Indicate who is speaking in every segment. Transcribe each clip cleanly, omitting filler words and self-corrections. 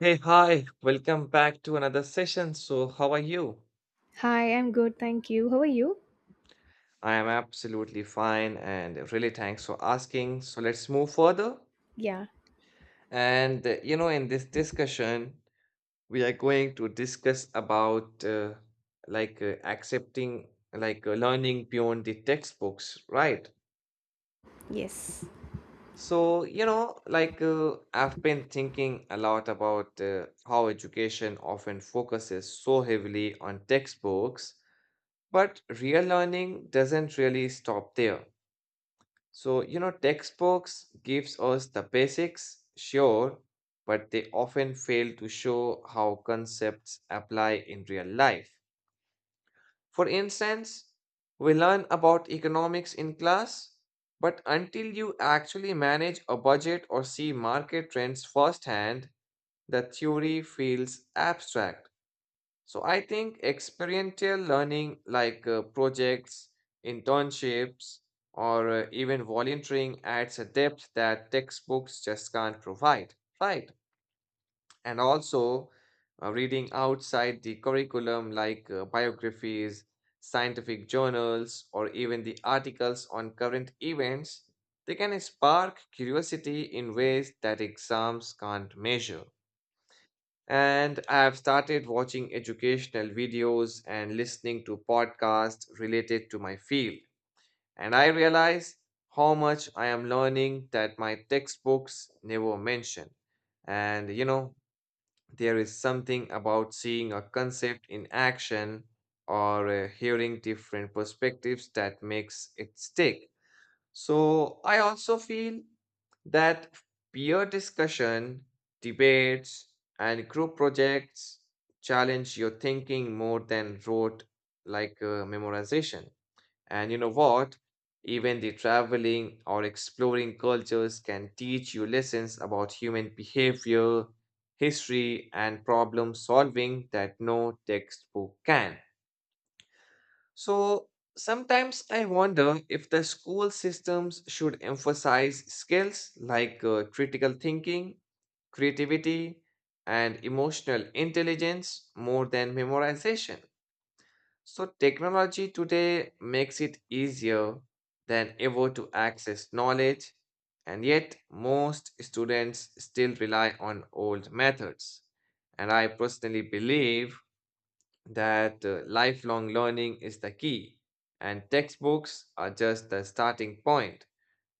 Speaker 1: Hey, hi, welcome back to another session. So, how are you?
Speaker 2: Hi, I'm good, thank you. How are you?
Speaker 1: I am absolutely fine and really thanks for asking. So, let's move further.
Speaker 2: Yeah,
Speaker 1: In this discussion, we are going to discuss about accepting, learning beyond the textbooks, right?
Speaker 2: yes.
Speaker 1: I've been thinking a lot about how education often focuses so heavily on textbooks. But real learning doesn't really stop there. Textbooks gives us the basics, sure, but they often fail to show how concepts apply in real life. For instance, we learn about economics in class, but until you actually manage a budget or see market trends firsthand, the theory feels abstract. So I think experiential learning, projects, internships, or even volunteering, adds a depth that textbooks just can't provide, right? And also, reading outside the curriculum, biographies, scientific journals, or even the articles on current events, they can spark curiosity in ways that exams can't measure. And I've started watching educational videos and listening to podcasts related to my field. And I realize how much I am learning that my textbooks never mention. And you know, there is something about seeing a concept in action or hearing different perspectives that makes it stick. So I also feel that peer discussion, debates, and group projects challenge your thinking more than rote memorization. And you know what? Even the traveling or exploring cultures can teach you lessons about human behavior, history, and problem solving that no textbook can. So sometimes I wonder if the school systems should emphasize skills critical thinking, creativity, and emotional intelligence more than memorization. So technology today makes it easier than ever to access knowledge, and yet most students still rely on old methods. And I personally believe that lifelong learning is the key, and textbooks are just the starting point.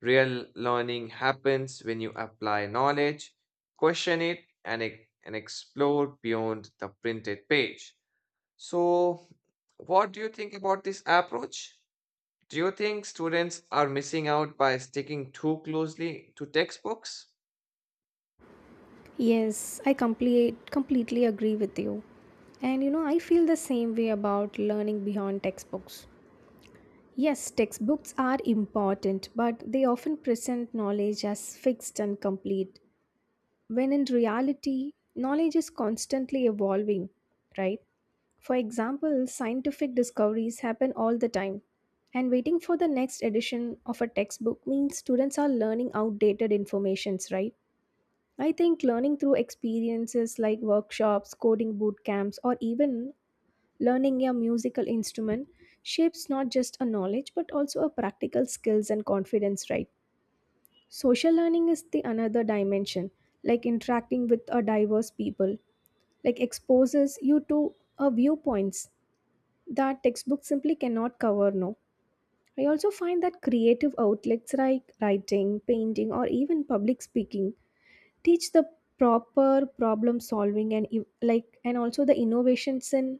Speaker 1: Real learning happens when you apply knowledge, question it, and explore beyond the printed page. So, what do you think about this approach? Do you think students are missing out by sticking too closely to textbooks?
Speaker 2: Yes, I completely agree with you. And you know, I feel the same way about learning beyond textbooks. Yes, textbooks are important, but they often present knowledge as fixed and complete, when in reality, knowledge is constantly evolving, right? For example, scientific discoveries happen all the time, and waiting for the next edition of a textbook means students are learning outdated informations, right? I think learning through experiences like workshops, coding boot camps, or even learning a musical instrument shapes not just a knowledge but also a practical skills and confidence, right? Social learning is the another dimension, like interacting with a diverse people, like exposes you to a viewpoints that textbooks simply cannot cover, no. I also find that creative outlets like writing, painting or even public speaking teach the proper problem solving like and also the innovations in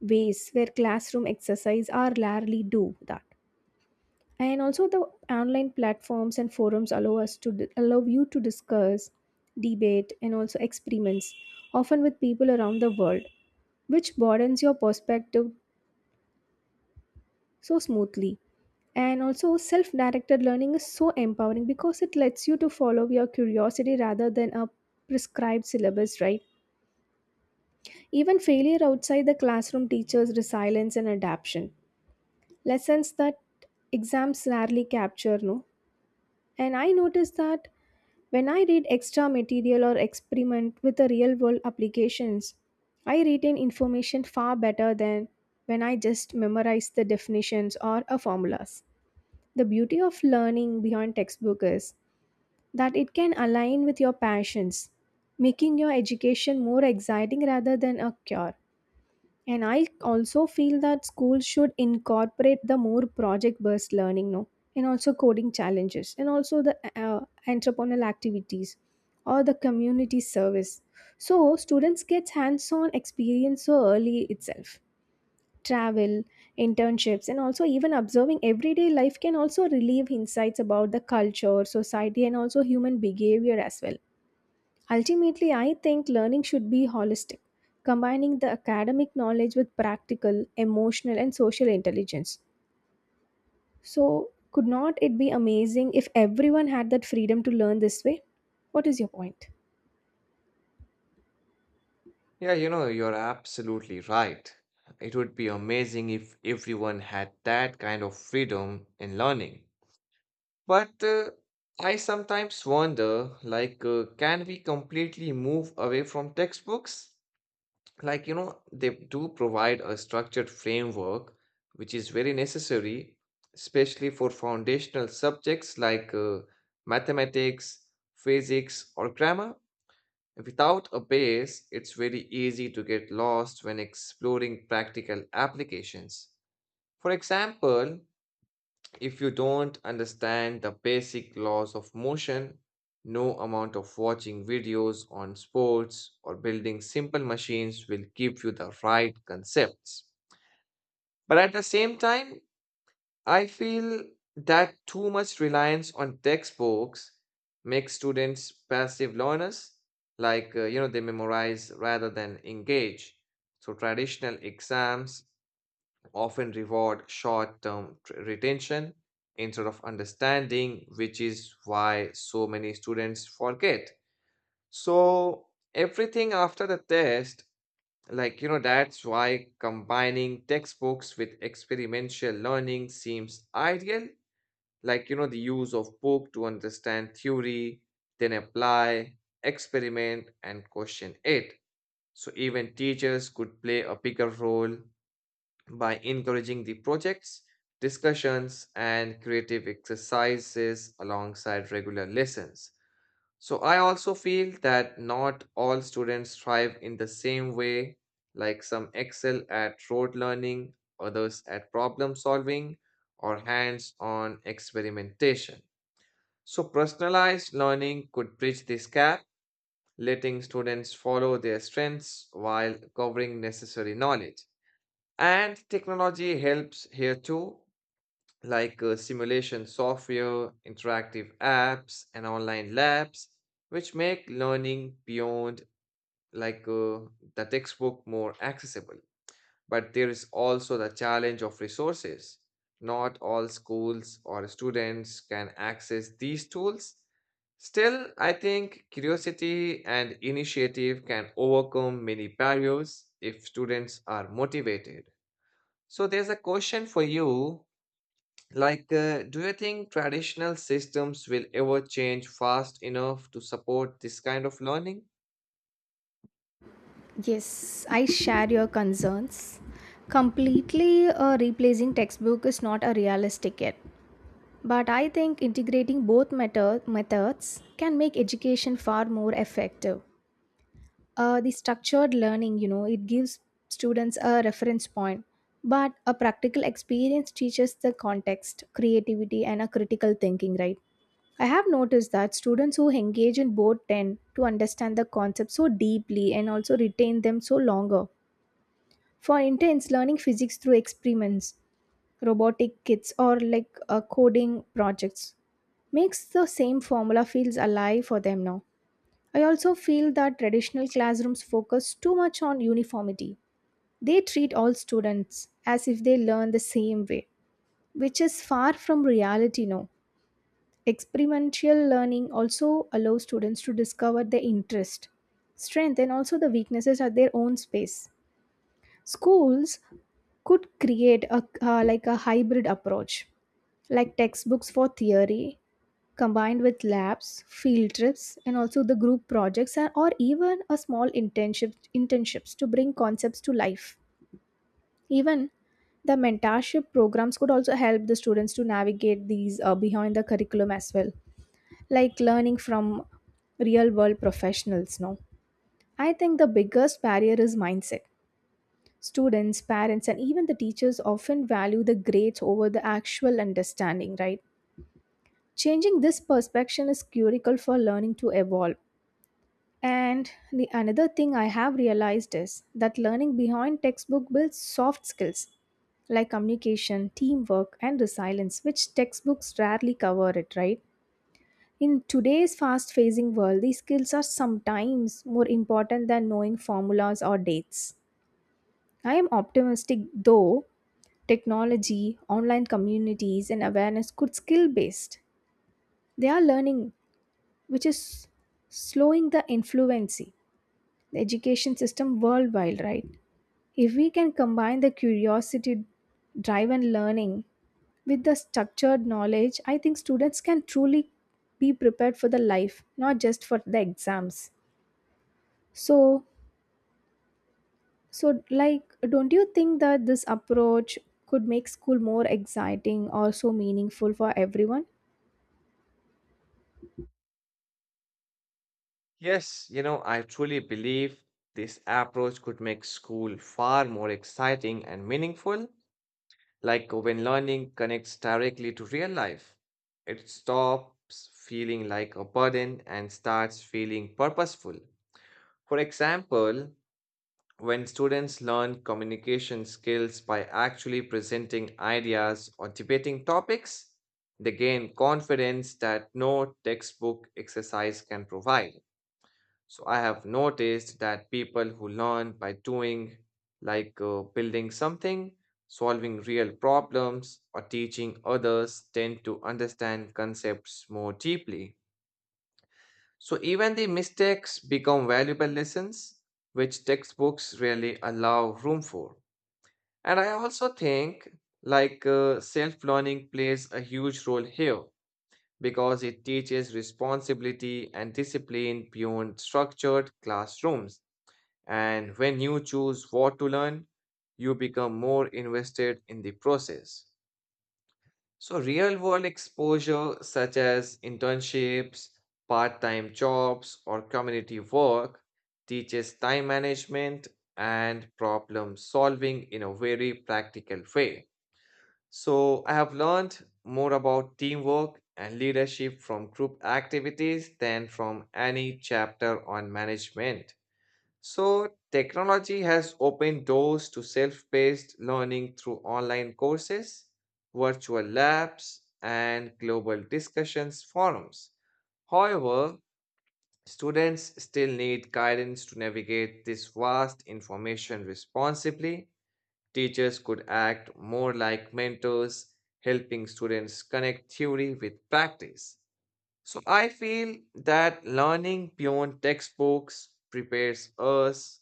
Speaker 2: ways where classroom exercise are rarely do that. And also the online platforms and forums allow you to discuss, debate and also experiments, often with people around the world, which broadens your perspective so smoothly. And also self-directed learning is so empowering because it lets you to follow your curiosity rather than a prescribed syllabus, right? Even failure outside the classroom teaches resilience and adaptation, lessons that exams rarely capture, no. And I noticed that when I read extra material or experiment with the real world applications, I retain information far better than when I just memorize the definitions or a formulas. The beauty of learning beyond textbook is that it can align with your passions, making your education more exciting rather than a cure. And I also feel that schools should incorporate the more project-based learning now, and also coding challenges, and also the entrepreneurial activities or the community service. So students get hands-on experience so early itself. Travel, internships, and also even observing everyday life can also relieve insights about the culture, society, and also human behavior as well. Ultimately, I think learning should be holistic, combining the academic knowledge with practical, emotional, and social intelligence. So, could not it be amazing if everyone had that freedom to learn this way? What is your point?
Speaker 1: Yeah, you know, you're absolutely right. It would be amazing if everyone had that kind of freedom in learning. But I sometimes wonder, like, can we completely move away from textbooks? Like, you know, they do provide a structured framework, which is very necessary, especially for foundational subjects mathematics, physics, or grammar. Without a base, it's very easy to get lost when exploring practical applications. For example, if you don't understand the basic laws of motion, no amount of watching videos on sports or building simple machines will give you the right concepts. But at the same time, I feel that too much reliance on textbooks makes students passive learners, like, you know, they memorize rather than engage. So, traditional exams often reward short term retention instead of understanding, which is why so many students forget. So, everything after the test, like, you know, that's why combining textbooks with experimental learning seems ideal, like you know, the use of book to understand theory, then apply, experiment and question it. So even teachers could play a bigger role by encouraging the projects, discussions and creative exercises alongside regular lessons. So I also feel that not all students thrive in the same way, like some excel at rote learning, others at problem solving or hands on experimentation. So, personalized learning could bridge this gap, letting students follow their strengths while covering necessary knowledge. And technology helps here too, simulation software, interactive apps, and online labs, which make learning beyond like uh, the textbook more accessible. But there is also the challenge of resources. Not all schools or students can access these tools. Still, I think curiosity and initiative can overcome many barriers if students are motivated. So, there's a question for you, like, do you think traditional systems will ever change fast enough to support this kind of learning?
Speaker 2: Yes, I share your concerns. Completely replacing textbook is not a realistic yet. But I think integrating both methods can make education far more effective. The structured learning, you know, it gives students a reference point, but a practical experience teaches the context, creativity and a critical thinking, right? I have noticed that students who engage in both tend to understand the concept so deeply and also retain them so longer. For intense learning physics through experiments, robotic kits or coding projects makes the same formula feels alive for them now. I also feel that traditional classrooms focus too much on uniformity. They treat all students as if they learn the same way, which is far from reality now. Experimental learning also allows students to discover their interest, strength, and also the weaknesses at their own space. Schools could create a hybrid approach, like textbooks for theory combined with labs, field trips and also the group projects or even a small internship internships to bring concepts to life. Even the mentorship programs could also help the students to navigate these, behind the curriculum as well, like learning from real world professionals, no. I think the biggest barrier is mindset. Students, parents and even the teachers often value the grades over the actual understanding, right? Changing this perception is critical for learning to evolve. And the another thing I have realized is that learning behind textbook builds soft skills like communication, teamwork and resilience, which textbooks rarely cover it, right? In today's fast facing world, these skills are sometimes more important than knowing formulas or dates. I am optimistic though. Technology, online communities and awareness could skill based, they are learning, which is slowing the influence the education system worldwide, right? If we can combine the curiosity, drive and learning with the structured knowledge, I think students can truly be prepared for the life, not just for the exams. So so like, don't you think that this approach could make school more exciting or so meaningful for everyone?
Speaker 1: Yes, you know, I truly believe this approach could make school far more exciting and meaningful. Like when learning connects directly to real life, it stops feeling like a burden and starts feeling purposeful. For example, when students learn communication skills by actually presenting ideas or debating topics, they gain confidence that no textbook exercise can provide. So I have noticed that people who learn by doing, building something, solving real problems, or teaching others, tend to understand concepts more deeply. So even the mistakes become valuable lessons, which textbooks rarely allow room for. And I also think self-learning plays a huge role here because it teaches responsibility and discipline beyond structured classrooms. And when you choose what to learn, you become more invested in the process. So, real world exposure, such as internships, part time jobs, or community work, teaches time management and problem solving in a very practical way. So, I have learned more about teamwork and leadership from group activities than from any chapter on management. So, technology has opened doors to self-paced learning through online courses, virtual labs, and global discussions forums. However, students still need guidance to navigate this vast information responsibly. Teachers could act more like mentors, helping students connect theory with practice. So I feel that learning beyond textbooks prepares us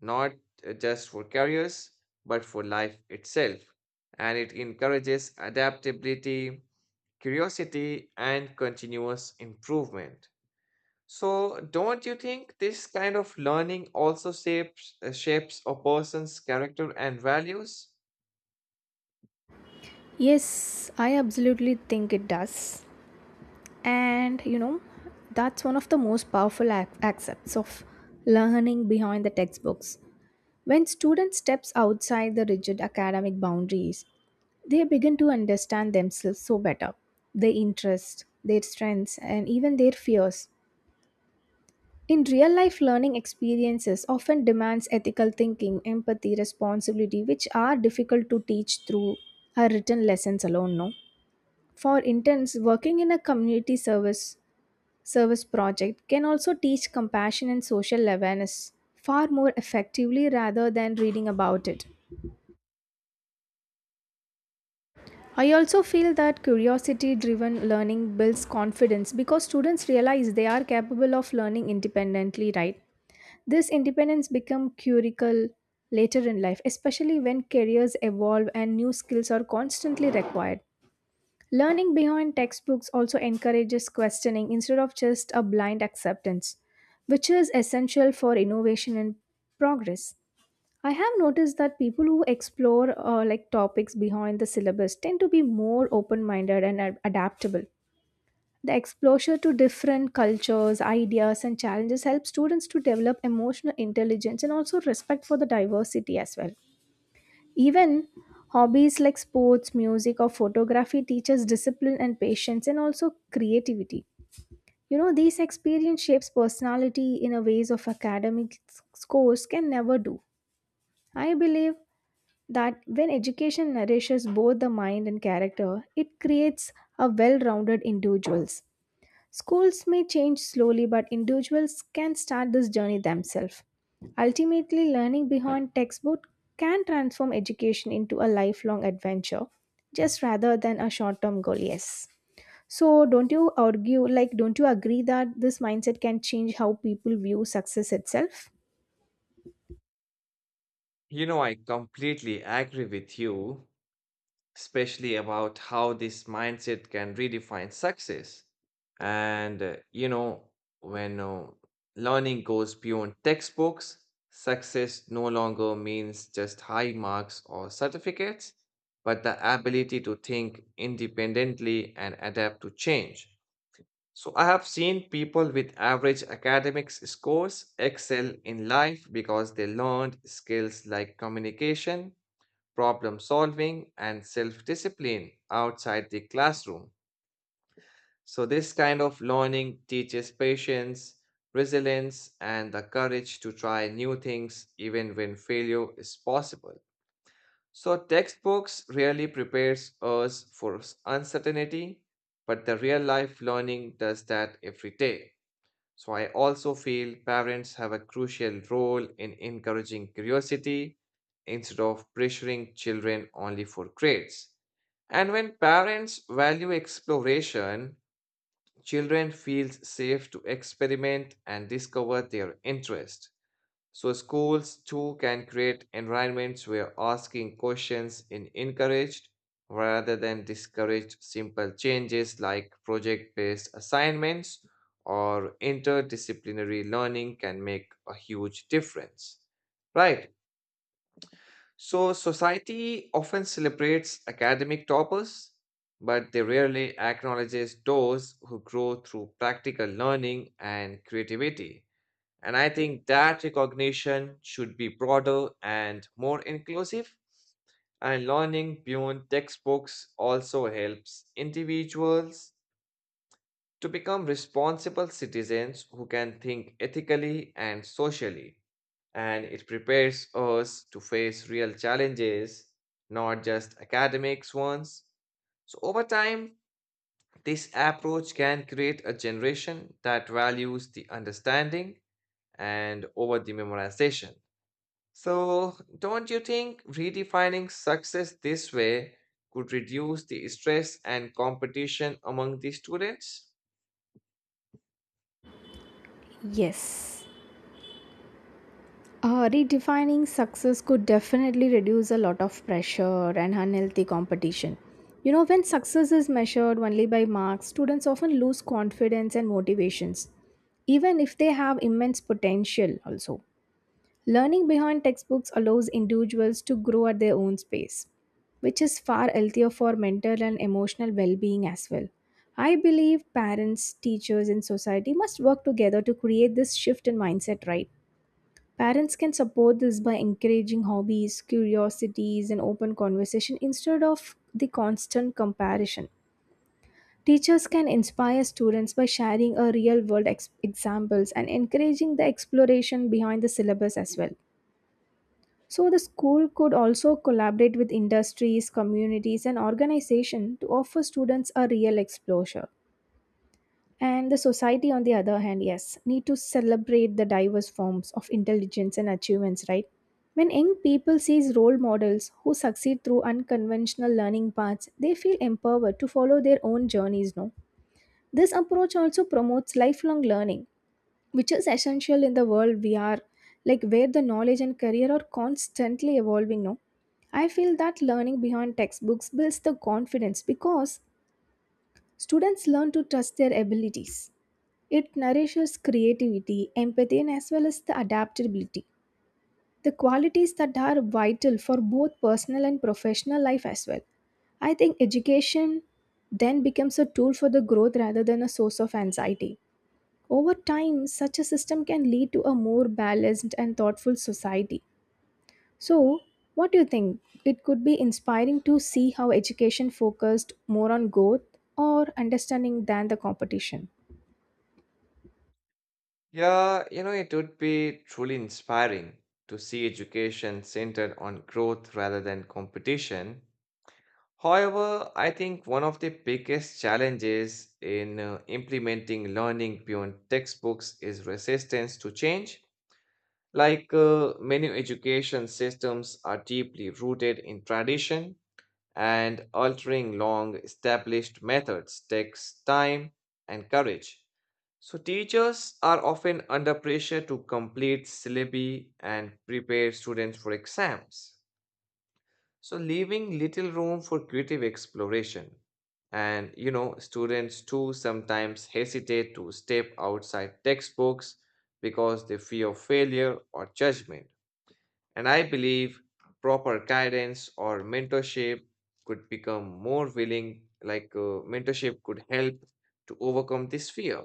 Speaker 1: not, just for careers, but for life itself. And it encourages adaptability, curiosity, and continuous improvement. So, don't you think this kind of learning also shapes a person's character and values?
Speaker 2: Yes, I absolutely think it does. And you know, that's one of the most powerful aspects of learning behind the textbooks. When students steps outside the rigid academic boundaries, they begin to understand themselves so better, their interests, their strengths and even their fears. In real life, learning experiences often demands ethical thinking, empathy, responsibility, which are difficult to teach through our written lessons alone, no. For interns working in a community service project can also teach compassion and social awareness far more effectively rather than reading about it. I also feel that curiosity driven learning builds confidence because students realize they are capable of learning independently, right? This independence becomes curical later in life, especially when careers evolve and new skills are constantly required. Learning beyond textbooks also encourages questioning instead of just a blind acceptance, which is essential for innovation and progress. I have noticed that people who explore like topics behind the syllabus tend to be more open-minded adaptable. The exposure to different cultures, ideas, and challenges helps students to develop emotional intelligence and also respect for the diversity as well. Even hobbies like sports, music, or photography teaches discipline and patience and also creativity. You know, these experience shapes personality in a ways of academic scores can never do. I believe that when education nourishes both the mind and character, it creates a well-rounded individuals. Schools may change slowly, but individuals can start this journey themselves. Ultimately, learning beyond textbook can transform education into a lifelong adventure, just rather than a short term goal, yes. So, don't you agree that this mindset can change how people view success itself?
Speaker 1: You know, I completely agree with you, especially about how this mindset can redefine success. And, you know, when learning goes beyond textbooks, success no longer means just high marks or certificates, but the ability to think independently and adapt to change. So I have seen people with average academics scores excel in life because they learned skills like communication, problem solving, and self discipline outside the classroom. So this kind of learning teaches patience, resilience, and the courage to try new things even when failure is possible. So textbooks really prepares us for uncertainty, but the real life learning does that every day. So, I also feel parents have a crucial role in encouraging curiosity instead of pressuring children only for grades. And when parents value exploration, children feel safe to experiment and discover their interest. So schools too can create environments where asking questions is encouraged rather than discouraged. Simple changes like project-based assignments or interdisciplinary learning can make a huge difference. Right. So society often celebrates academic toppers, but they rarely acknowledges those who grow through practical learning and creativity. And I think that recognition should be broader and more inclusive. And learning beyond textbooks also helps individuals to become responsible citizens who can think ethically and socially. And it prepares us to face real challenges, not just academics ones. So, over time, this approach can create a generation that values the understanding and over the memorization. So, don't you think redefining success this way could reduce the stress and competition among the students?
Speaker 2: Yes. Redefining success could definitely reduce a lot of pressure and unhealthy competition. You know, when success is measured only by marks, students often lose confidence and motivations, even if they have immense potential, also. Learning behind textbooks allows individuals to grow at their own pace, which is far healthier for mental and emotional well being as well. I believe parents, teachers, and society must work together to create this shift in mindset, right? Parents can support this by encouraging hobbies, curiosities, and open conversation instead of the constant comparison. Teachers can inspire students by sharing a real world examples and encouraging the exploration behind the syllabus as well. So, the school could also collaborate with industries, communities, and organizations to offer students a real exposure. And the society, on the other hand, yes, need to celebrate the diverse forms of intelligence and achievements, right? When young people sees role models who succeed through unconventional learning paths, they feel empowered to follow their own journeys, no? This approach also promotes lifelong learning, which is essential in the world we are, like where the knowledge and career are constantly evolving, no? I feel that learning beyond textbooks builds the confidence because students learn to trust their abilities. It nourishes creativity, empathy, and as well as the adaptability, the qualities that are vital for both personal and professional life as well. I think education then becomes a tool for the growth rather than a source of anxiety. Over time, such a system can lead to a more balanced and thoughtful society. So, what do you think? It could be inspiring to see how education focused more on growth or understanding than the competition.
Speaker 1: Yeah, you know, it would be truly inspiring to see education centered on growth rather than competition. However, I think one of the biggest challenges in implementing learning beyond textbooks is resistance to change. Many education systems are deeply rooted in tradition, and altering long established methods takes time and courage. So, teachers are often under pressure to complete syllabi and prepare students for exams, so, leaving little room for creative exploration. And you know, students too sometimes hesitate to step outside textbooks because they fear failure or judgment. And I believe proper guidance or mentorship could become more willing, mentorship could help to overcome this fear.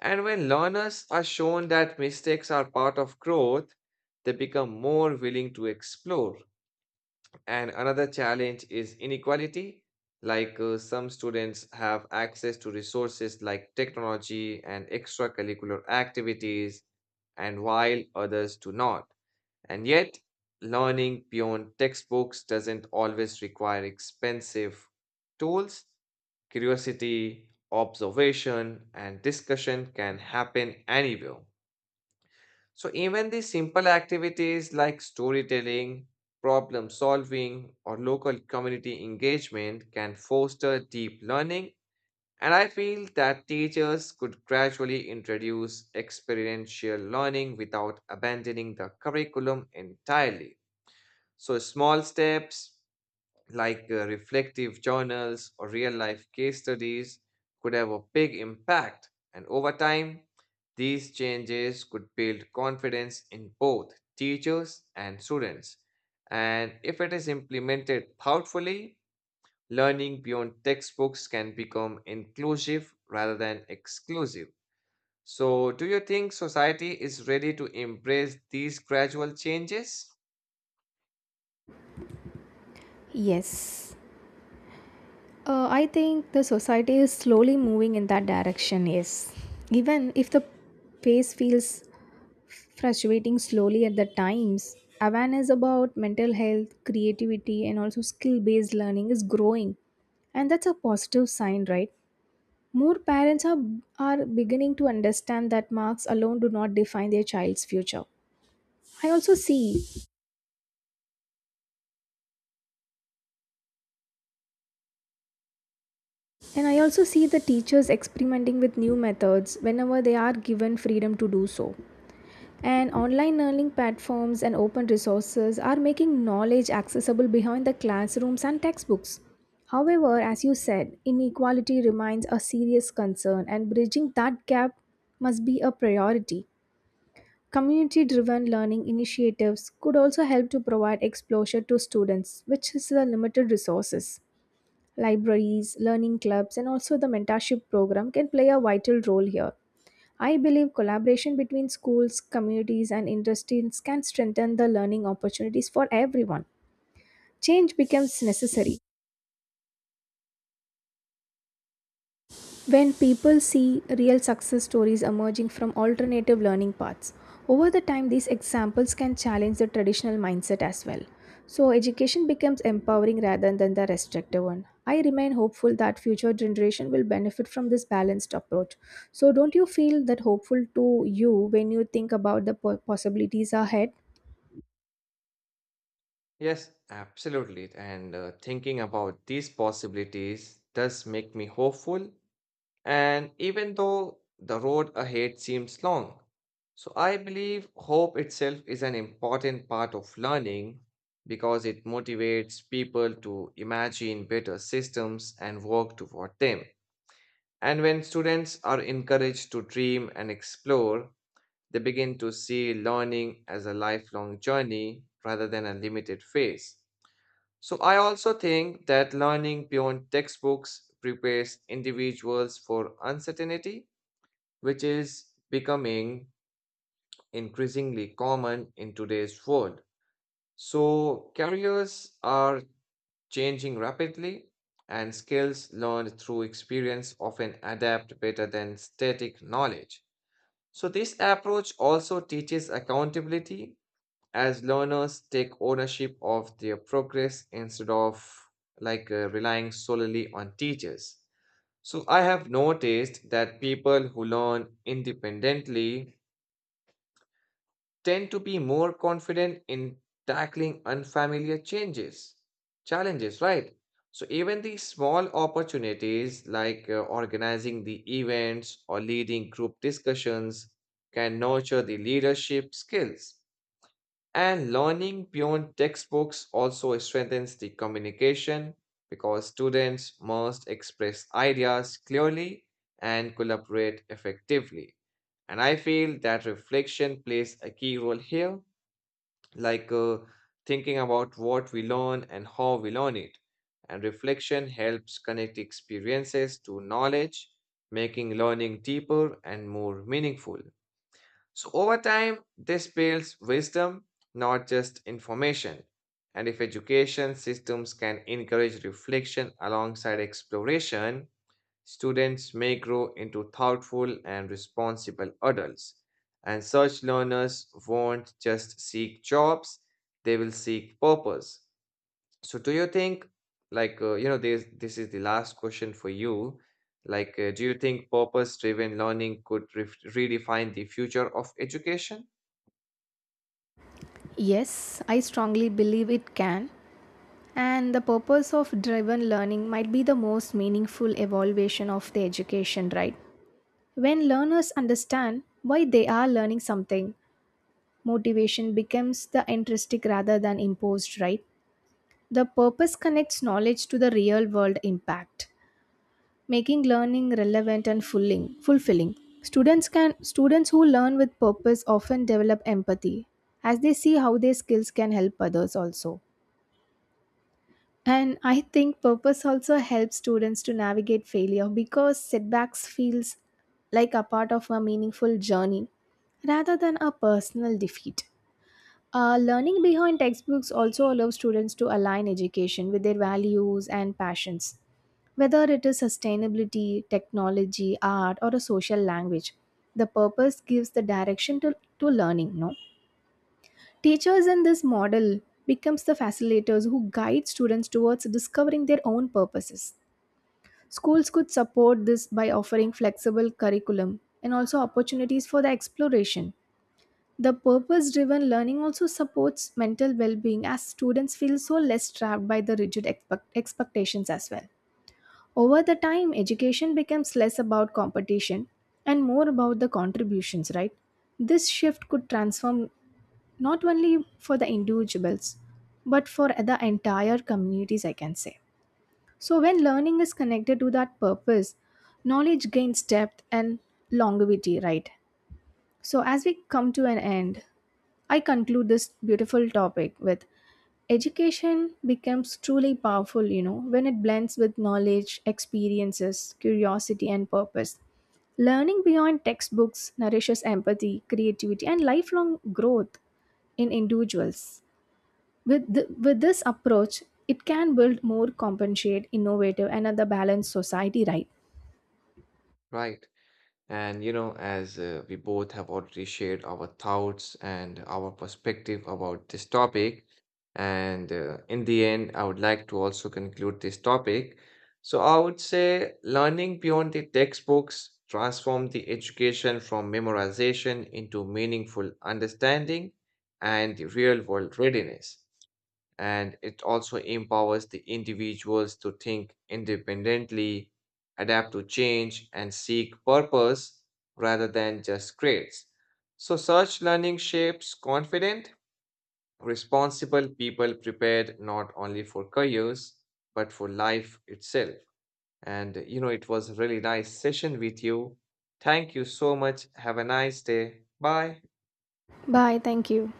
Speaker 1: And when learners are shown that mistakes are part of growth, they become more willing to explore. And another challenge is inequality. Some students have access to resources like technology and extracurricular activities, and while others do not. And yet, learning beyond textbooks doesn't always require expensive tools. Curiosity, observation, and discussion can happen anywhere. So even the simple activities like storytelling, problem solving, or local community engagement can foster deep learning. And I feel that teachers could gradually introduce experiential learning without abandoning the curriculum entirely. So small steps reflective journals or real life case studies could have a big impact. And over time, these changes could build confidence in both teachers and students. And if it is implemented thoughtfully, learning beyond textbooks can become inclusive rather than exclusive. So, do you think society is ready to embrace these gradual changes?
Speaker 2: Yes. I think the society is slowly moving in that direction, yes. Even if the pace feels fluctuating slowly at the times, awareness about mental health, creativity, and also skill based learning is growing. And that's a positive sign, right? More parents are beginning to understand that marks alone do not define their child's future. I also see, and I also see the teachers experimenting with new methods whenever they are given freedom to do so. And online learning platforms and open resources are making knowledge accessible behind the classrooms and textbooks. However, as you said, inequality remains a serious concern, and bridging that gap must be a priority. Community driven learning initiatives could also help to provide exposure to students, which is the limited resources. Libraries, learning clubs, and also the mentorship program can play a vital role here. I believe collaboration between schools, communities, and industries can strengthen the learning opportunities for everyone. Change becomes necessary when people see real success stories emerging from alternative learning paths. Over the time, these examples can challenge the traditional mindset as well. So, education becomes empowering rather than the restrictive one. I remain hopeful that future generation will benefit from this balanced approach. So, don't you feel that hopeful to you when you think about the possibilities ahead?
Speaker 1: Yes, absolutely. And thinking about these possibilities does make me hopeful. And even though the road ahead seems long, so I believe hope itself is an important part of learning because it motivates people to imagine better systems and work toward them. And when students are encouraged to dream and explore, they begin to see learning as a lifelong journey rather than a limited phase. So, I also think that learning beyond textbooks prepares individuals for uncertainty, which is becoming increasingly common in today's world. So, careers are changing rapidly, and skills learned through experience often adapt better than static knowledge. So, this approach also teaches accountability as learners take ownership of their progress instead of relying solely on teachers. So I have noticed that people who learn independently tend to be more confident in tackling challenges, right? So even these small opportunities organizing the events or leading group discussions can nurture the leadership skills. And learning beyond textbooks also strengthens the communication because students must express ideas clearly and collaborate effectively. And I feel that reflection plays a key role here, like uh, thinking about what we learn and how we learn it. And reflection helps connect experiences to knowledge, making learning deeper and more meaningful. So, over time, this builds wisdom, not just information. And if education systems can encourage reflection alongside exploration, students may grow into thoughtful and responsible adults. And such learners won't just seek jobs, they will seek purpose. So do you think this is the last question for you. Do you think purpose-driven learning could ref redefine the future of education?
Speaker 2: Yes, I strongly believe it can. And the purpose of driven learning might be the most meaningful evaluation of the education, right? When learners understand why they are learning something, motivation becomes the intrinsic rather than imposed, right? The purpose connects knowledge to the real world impact, making learning relevant and fulfilling. Students who learn with purpose often develop empathy as they see how their skills can help others also. And I think purpose also helps students to navigate failure because setbacks feels like a part of a meaningful journey rather than a personal defeat. Learning behind textbooks also allows students to align education with their values and passions, whether it is sustainability, technology, art, or a social language. The purpose gives the direction to learning, no? Teachers in this model becomes the facilitators who guide students towards discovering their own purposes. Schools could support this by offering flexible curriculum and also opportunities for the exploration. The purpose driven learning also supports mental well being as students feel so less trapped by the rigid expectations as well. Over the time, education becomes less about competition and more about the contributions, right? This shift could transform not only for the individuals but for the entire communities, I can say. So when learning is connected to that purpose, knowledge gains depth and longevity, right? So as we come to an end, I conclude this beautiful topic with education becomes truly powerful, you know, when it blends with knowledge, experiences, curiosity and purpose. Learning beyond textbooks nourishes empathy, creativity and lifelong growth in individuals. With, with this approach, it can build more compensate, innovative, and other balanced society, right?
Speaker 1: Right. And you know, as we both have already shared our thoughts and our perspective about this topic, and in the end, I would like to also conclude this topic. So I would say learning beyond the textbooks transform the education from memorization into meaningful understanding and real-world readiness, and it also empowers the individuals to think independently, adapt to change, and seek purpose rather than just grades. So, such learning shapes confident, responsible people prepared not only for careers but for life itself. And you know, it was a really nice session with you. Thank you so much. Have a nice day. Bye.
Speaker 2: Bye. Thank you.